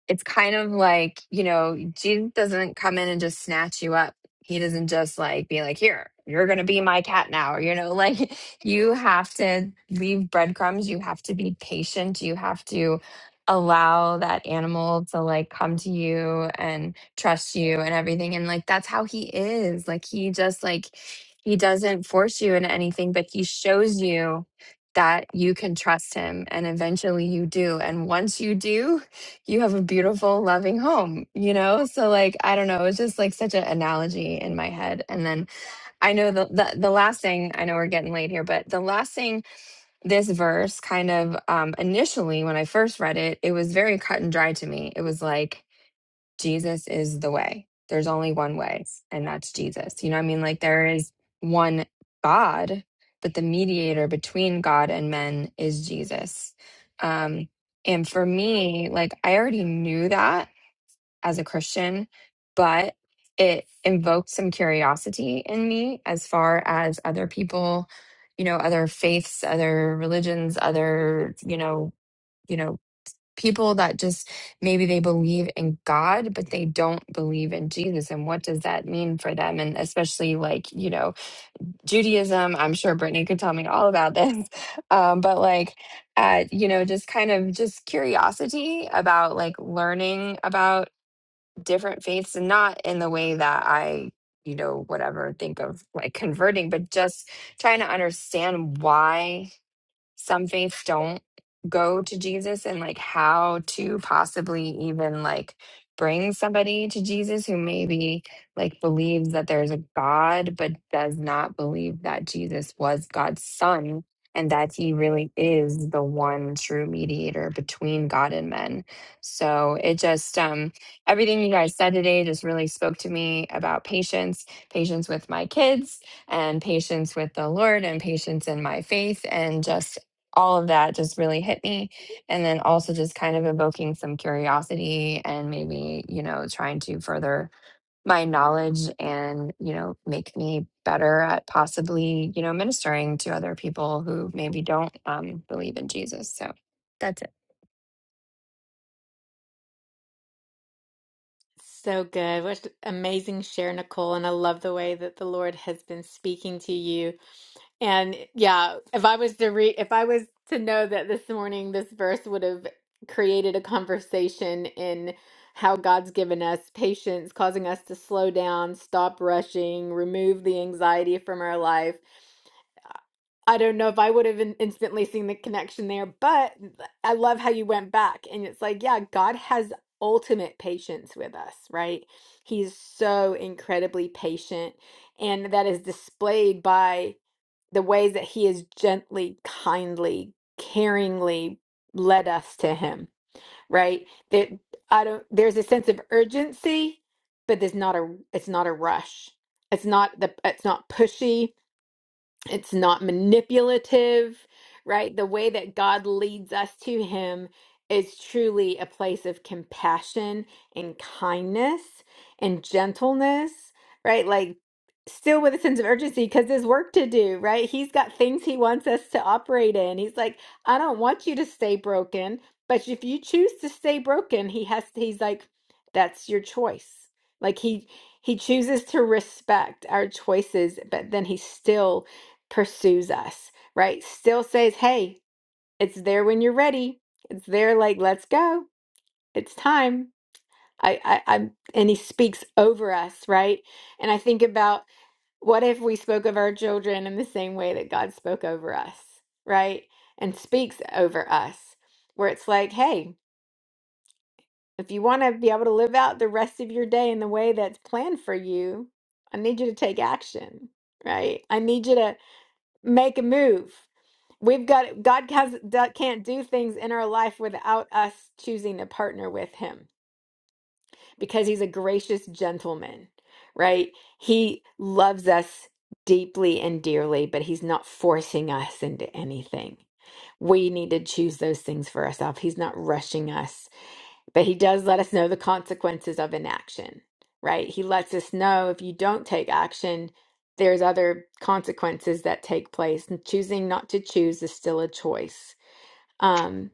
[SPEAKER 6] it's kind of like you know jesus doesn't come in and just snatch you up he doesn't just like be like here you're gonna be my cat now you know like you have to leave breadcrumbs you have to be patient you have to allow that animal to like come to you and trust you and everything and like that's how he is like he just like he doesn't force you into anything but he shows you that you can trust him and eventually you do and once you do you have a beautiful, loving home, you know? So like, I don't know, it's just like such an analogy in my head. And then I know the, the the last thing, I know we're getting late here, but the last thing this verse kind of um initially when I first read it, it was very cut and dry to me. It was like Jesus is the way. There's only one way, and that's Jesus. You know what I mean? Like there is one God, but the mediator between God and men is Jesus. Um, and for me, like I already knew that as a Christian, but it invoked some curiosity in me as far as other people, you know, other faiths, other religions, other, you know, you know, people that just maybe they believe in God, but they don't believe in Jesus. And what does that mean for them? And especially like, you know, Judaism, I'm sure Brittany could tell me all about this. Um, but like, uh, you know, just kind of just curiosity about like learning about different faiths and not in the way that I, you know, whatever think of like converting, but just trying to understand why some faiths don't go to Jesus and like how to possibly even like bring somebody to Jesus who maybe like believes that there's a God but does not believe that Jesus was God's son and that he really is the one true mediator between God and men. So it just um everything you guys said today just really spoke to me about patience, patience with my kids, and patience with the Lord and patience in my faith and just all of that just really hit me. And then also just kind of evoking some curiosity and maybe, you know, trying to further my knowledge and, you know, make me better at possibly, you know, ministering to other people who maybe don't um, believe in Jesus. So that's it.
[SPEAKER 1] So good. What amazing share, Nicole. And I love the way that the Lord has been speaking to you And yeah, if I was to read, if I was to know that this morning this verse would have created a conversation in how God's given us patience, causing us to slow down, stop rushing, remove the anxiety from our life. I don't know if I would have in- instantly seen the connection there, but I love how you went back and it's like, yeah, God has ultimate patience with us, right? He's so incredibly patient, and that is displayed by the ways that he has gently, kindly, caringly led us to him, right? That I don't there's a sense of urgency, but there's not a it's not a rush. It's not the it's not pushy it's not manipulative, right? The way that God leads us to Him is truly a place of compassion and kindness and gentleness, right? Like, still with a sense of urgency because there's work to do, right? He's got things He wants us to operate in. He's like, I don't want you to stay broken, but if you choose to stay broken, He has, He's like, that's your choice. Like, He, he chooses to respect our choices, but then he still pursues us, right? Still says, hey, it's there when you're ready. It's there, like, let's go. It's time. I, I, I'm, and he speaks over us, right? And I think about what if we spoke of our children in the same way that God spoke over us, right? And speaks over us, where it's like, hey, if you want to be able to live out the rest of your day in the way that's planned for you, I need you to take action, right? I need you to make a move. We've got God has, do- can't do things in our life without us choosing to partner with Him because He's a gracious gentleman, right? He loves us deeply and dearly, but He's not forcing us into anything. We need to choose those things for ourselves. He's not rushing us but he does let us know the consequences of inaction, right? He lets us know if you don't take action, there's other consequences that take place. And choosing not to choose is still a choice. Um,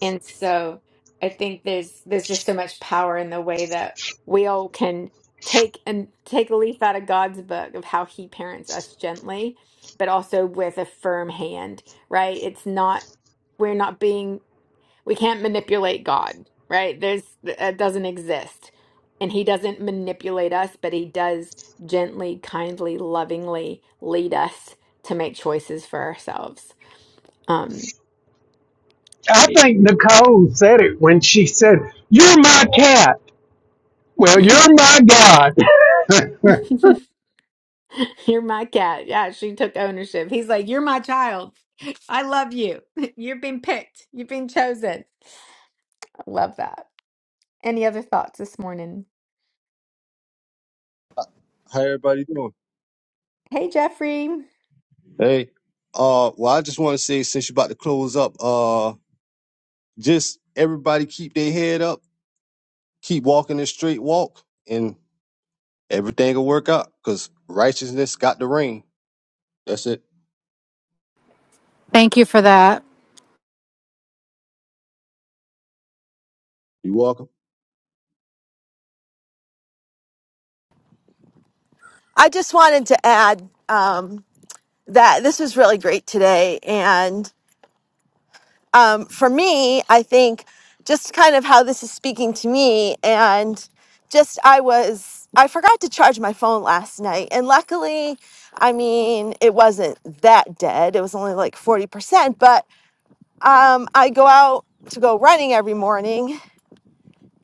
[SPEAKER 1] and so I think there's there's just so much power in the way that we all can take and take a leaf out of God's book of how he parents us gently, but also with a firm hand, right? It's not we're not being we can't manipulate God, right? There's that doesn't exist. And he doesn't manipulate us, but he does gently, kindly, lovingly lead us to make choices for ourselves. Um
[SPEAKER 4] I think Nicole said it when she said, "You're my cat." Well, you're my God.
[SPEAKER 1] you're my cat. Yeah, she took ownership. He's like, "You're my child. I love you. You've been picked. You've been chosen." I love that. Any other thoughts this morning?
[SPEAKER 7] How everybody doing?
[SPEAKER 1] Hey, Jeffrey.
[SPEAKER 7] Hey, Uh, well, I just want to say since you're about to close up, uh, just everybody keep their head up, keep walking this straight walk, and everything will work out. Cause righteousness got the rain. That's it.
[SPEAKER 8] Thank you for that.
[SPEAKER 7] You welcome.
[SPEAKER 3] I just wanted to add um, that this was really great today. And um, for me, I think just kind of how this is speaking to me, and just I was, I forgot to charge my phone last night. And luckily, I mean, it wasn't that dead, it was only like 40%. But um, I go out to go running every morning.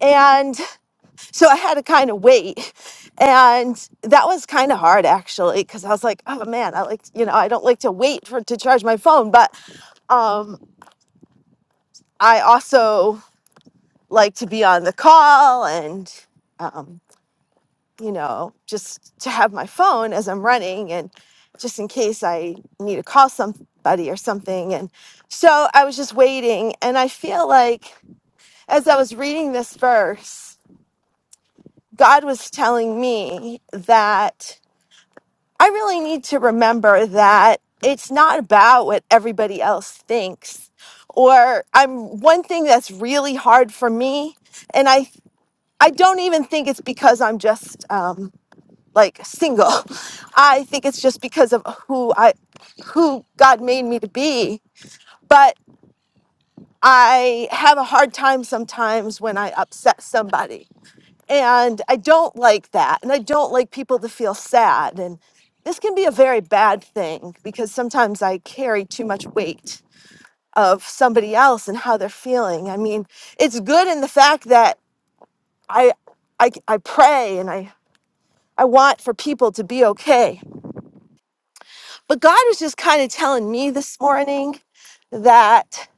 [SPEAKER 3] And So I had to kind of wait. And that was kind of hard actually, because I was like, oh man, I like, you know, I don't like to wait for to charge my phone. But um, I also like to be on the call and, um, you know, just to have my phone as I'm running and just in case I need to call somebody or something. And so I was just waiting. And I feel like as I was reading this verse, God was telling me that. I really need to remember that it's not about what everybody else thinks. Or I'm one thing that's really hard for me, and I I don't even think it's because I'm just um, like single. I think it's just because of who I who God made me to be. But I have a hard time sometimes when I upset somebody and I don't like that. And I don't like people to feel sad. And this can be a very bad thing because sometimes I carry too much weight of somebody else and how they're feeling. I mean, it's good in the fact that I I, I pray and I, I want for people to be okay. But God was just kind of telling me this morning that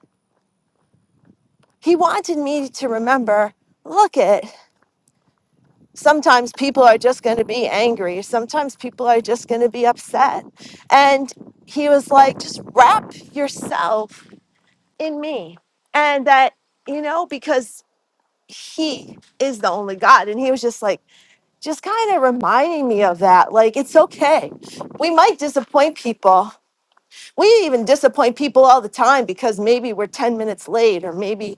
[SPEAKER 3] He wanted me to remember look it. sometimes people are just going to be angry. Sometimes people are just going to be upset. And he was like, just wrap yourself in me. And that, you know, because he is the only God. And he was just like, just kind of reminding me of that. Like, it's okay. We might disappoint people. We even disappoint people all the time because maybe we're 10 minutes late or maybe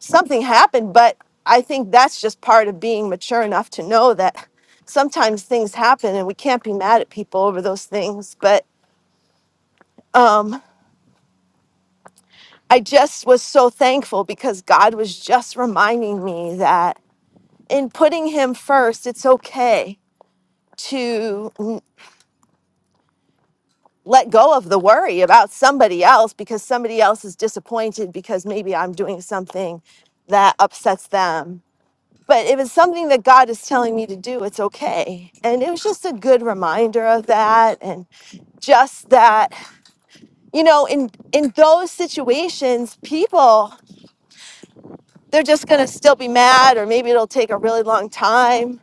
[SPEAKER 3] something happened, but I think that's just part of being mature enough to know that sometimes things happen and we can't be mad at people over those things. But um, I just was so thankful because God was just reminding me that in putting Him first, it's okay to n- let go of the worry about somebody else because somebody else is disappointed because maybe I'm doing something that upsets them But if it's something that God is telling me to do, it's okay. And it was just a good reminder of that and just that, you know, in in those situations, people they're just going to still be mad or maybe it'll take a really long time.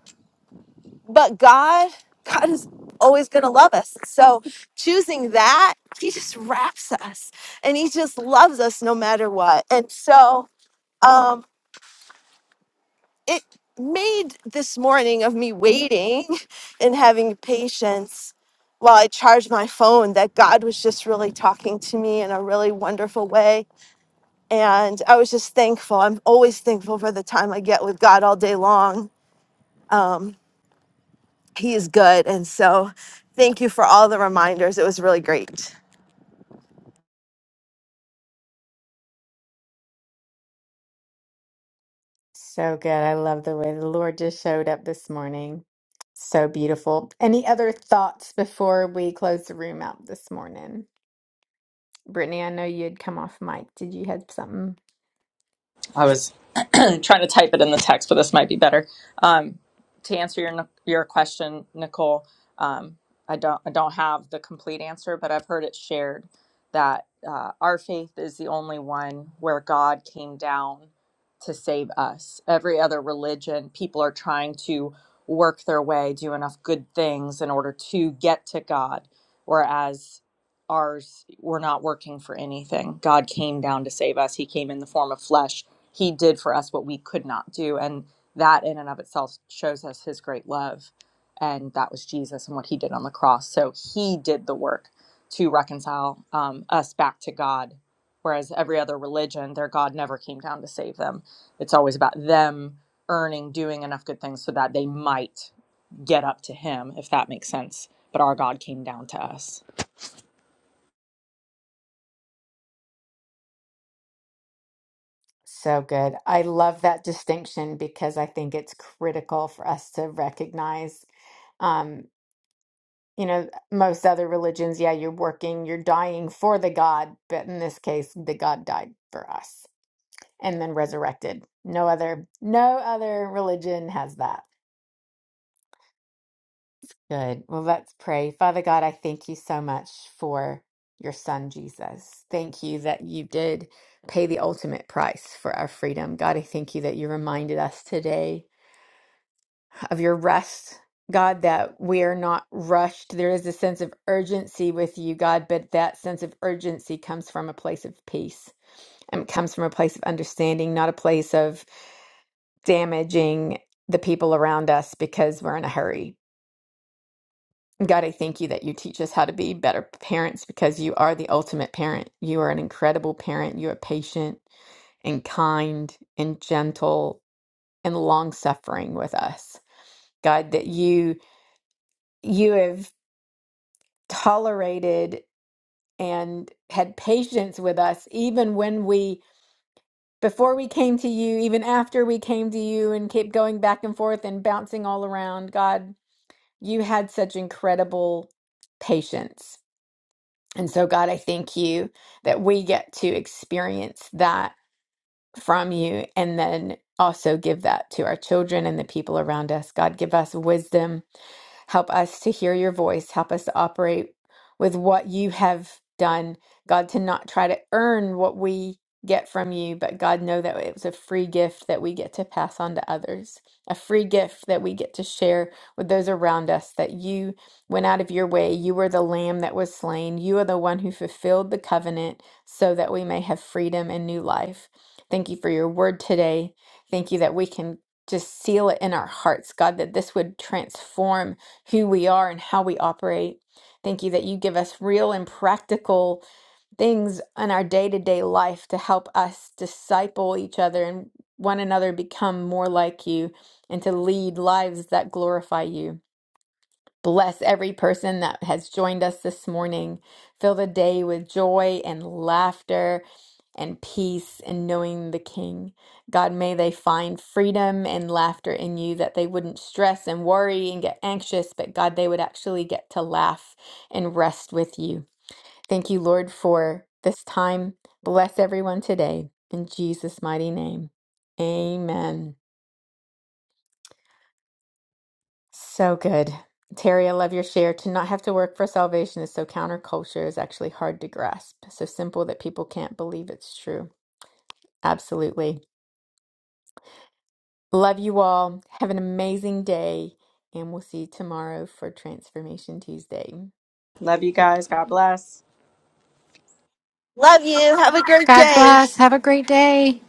[SPEAKER 3] But God, God is always going to love us. So choosing that, he just wraps us and he just loves us no matter what. And so um, it made this morning of me waiting and having patience while I charged my phone that God was just really talking to me in a really wonderful way. And I was just thankful. I'm always thankful for the time I get with God all day long. He is good. And so thank you for all the reminders. It was really great.
[SPEAKER 1] So good. I love the way the Lord just showed up this morning. So beautiful. Any other thoughts before we close the room out this morning? Brittany, I know you'd come off mic. Did you have something?
[SPEAKER 2] I was trying to type it in the text, but this might be better. Um, to answer your your question, Nicole, um, I don't I don't have the complete answer, but I've heard it shared that uh, our faith is the only one where God came down to save us. Every other religion, people are trying to work their way, do enough good things in order to get to God, whereas ours we're not working for anything god came down to save us he came in the form of flesh he did for us what we could not do and that in and of itself shows us his great love and that was jesus and what he did on the cross so he did the work to reconcile um, us back to god whereas every other religion their god never came down to save them it's always about them earning doing enough good things so that they might get up to him if that makes sense but our god came down to us
[SPEAKER 1] So good. I love that distinction because I think it's critical for us to recognize. Um, you know, most other religions, yeah, you're working, you're dying for the God, but in this case, the God died for us and then resurrected. No other, no other religion has that. Good. Well, let's pray. Father God, I thank you so much for your son, Jesus. Thank you that you did pay the ultimate price for our freedom. God, I thank you that you reminded us today of your rest. God, that we are not rushed. There is a sense of urgency with you, God, but that sense of urgency comes from a place of peace and it comes from a place of understanding, not a place of damaging the people around us because we're in a hurry God, I thank you that you teach us how to be better parents because you are the ultimate parent. You are an incredible parent. You are patient and kind and gentle and long suffering with us. God, that you you have tolerated and had patience with us even when we before we came to you, even after we came to you and kept going back and forth and bouncing all around. God, you had such incredible patience And so, God, I thank you that we get to experience that from you and then also give that to our children and the people around us. God, give us wisdom Help us to hear your voice. Help us to operate with what you have done. God, to not try to earn what we get from you, but God, know that it was a free gift that we get to pass on to others, a free gift that we get to share with those around us, that you went out of your way. You were the lamb that was slain. You are the one who fulfilled the covenant so that we may have freedom and new life. Thank you for your word today. Thank you that we can just seal it in our hearts, God, that this would transform who we are and how we operate. Thank you that you give us real and practical things in our day to day life to help us disciple each other and one another become more like you and to lead lives that glorify you. Bless every person that has joined us this morning. Fill the day with joy and laughter and peace and knowing the King. God, may they find freedom and laughter in you, that they wouldn't stress and worry and get anxious, but God, they would actually get to laugh and rest with you. Thank you, Lord, for this time. Bless everyone today. In Jesus' mighty name, amen. So good. Terry, I love your share. To not have to work for salvation is so counterculture is actually hard to grasp. So simple that people can't believe it's true. Absolutely. Love you all. Have an amazing day. And we'll see you tomorrow for Transformation Tuesday.
[SPEAKER 2] love you guys god bless
[SPEAKER 3] Love you. Have a great
[SPEAKER 8] God
[SPEAKER 3] day.
[SPEAKER 8] bless. Have a great day.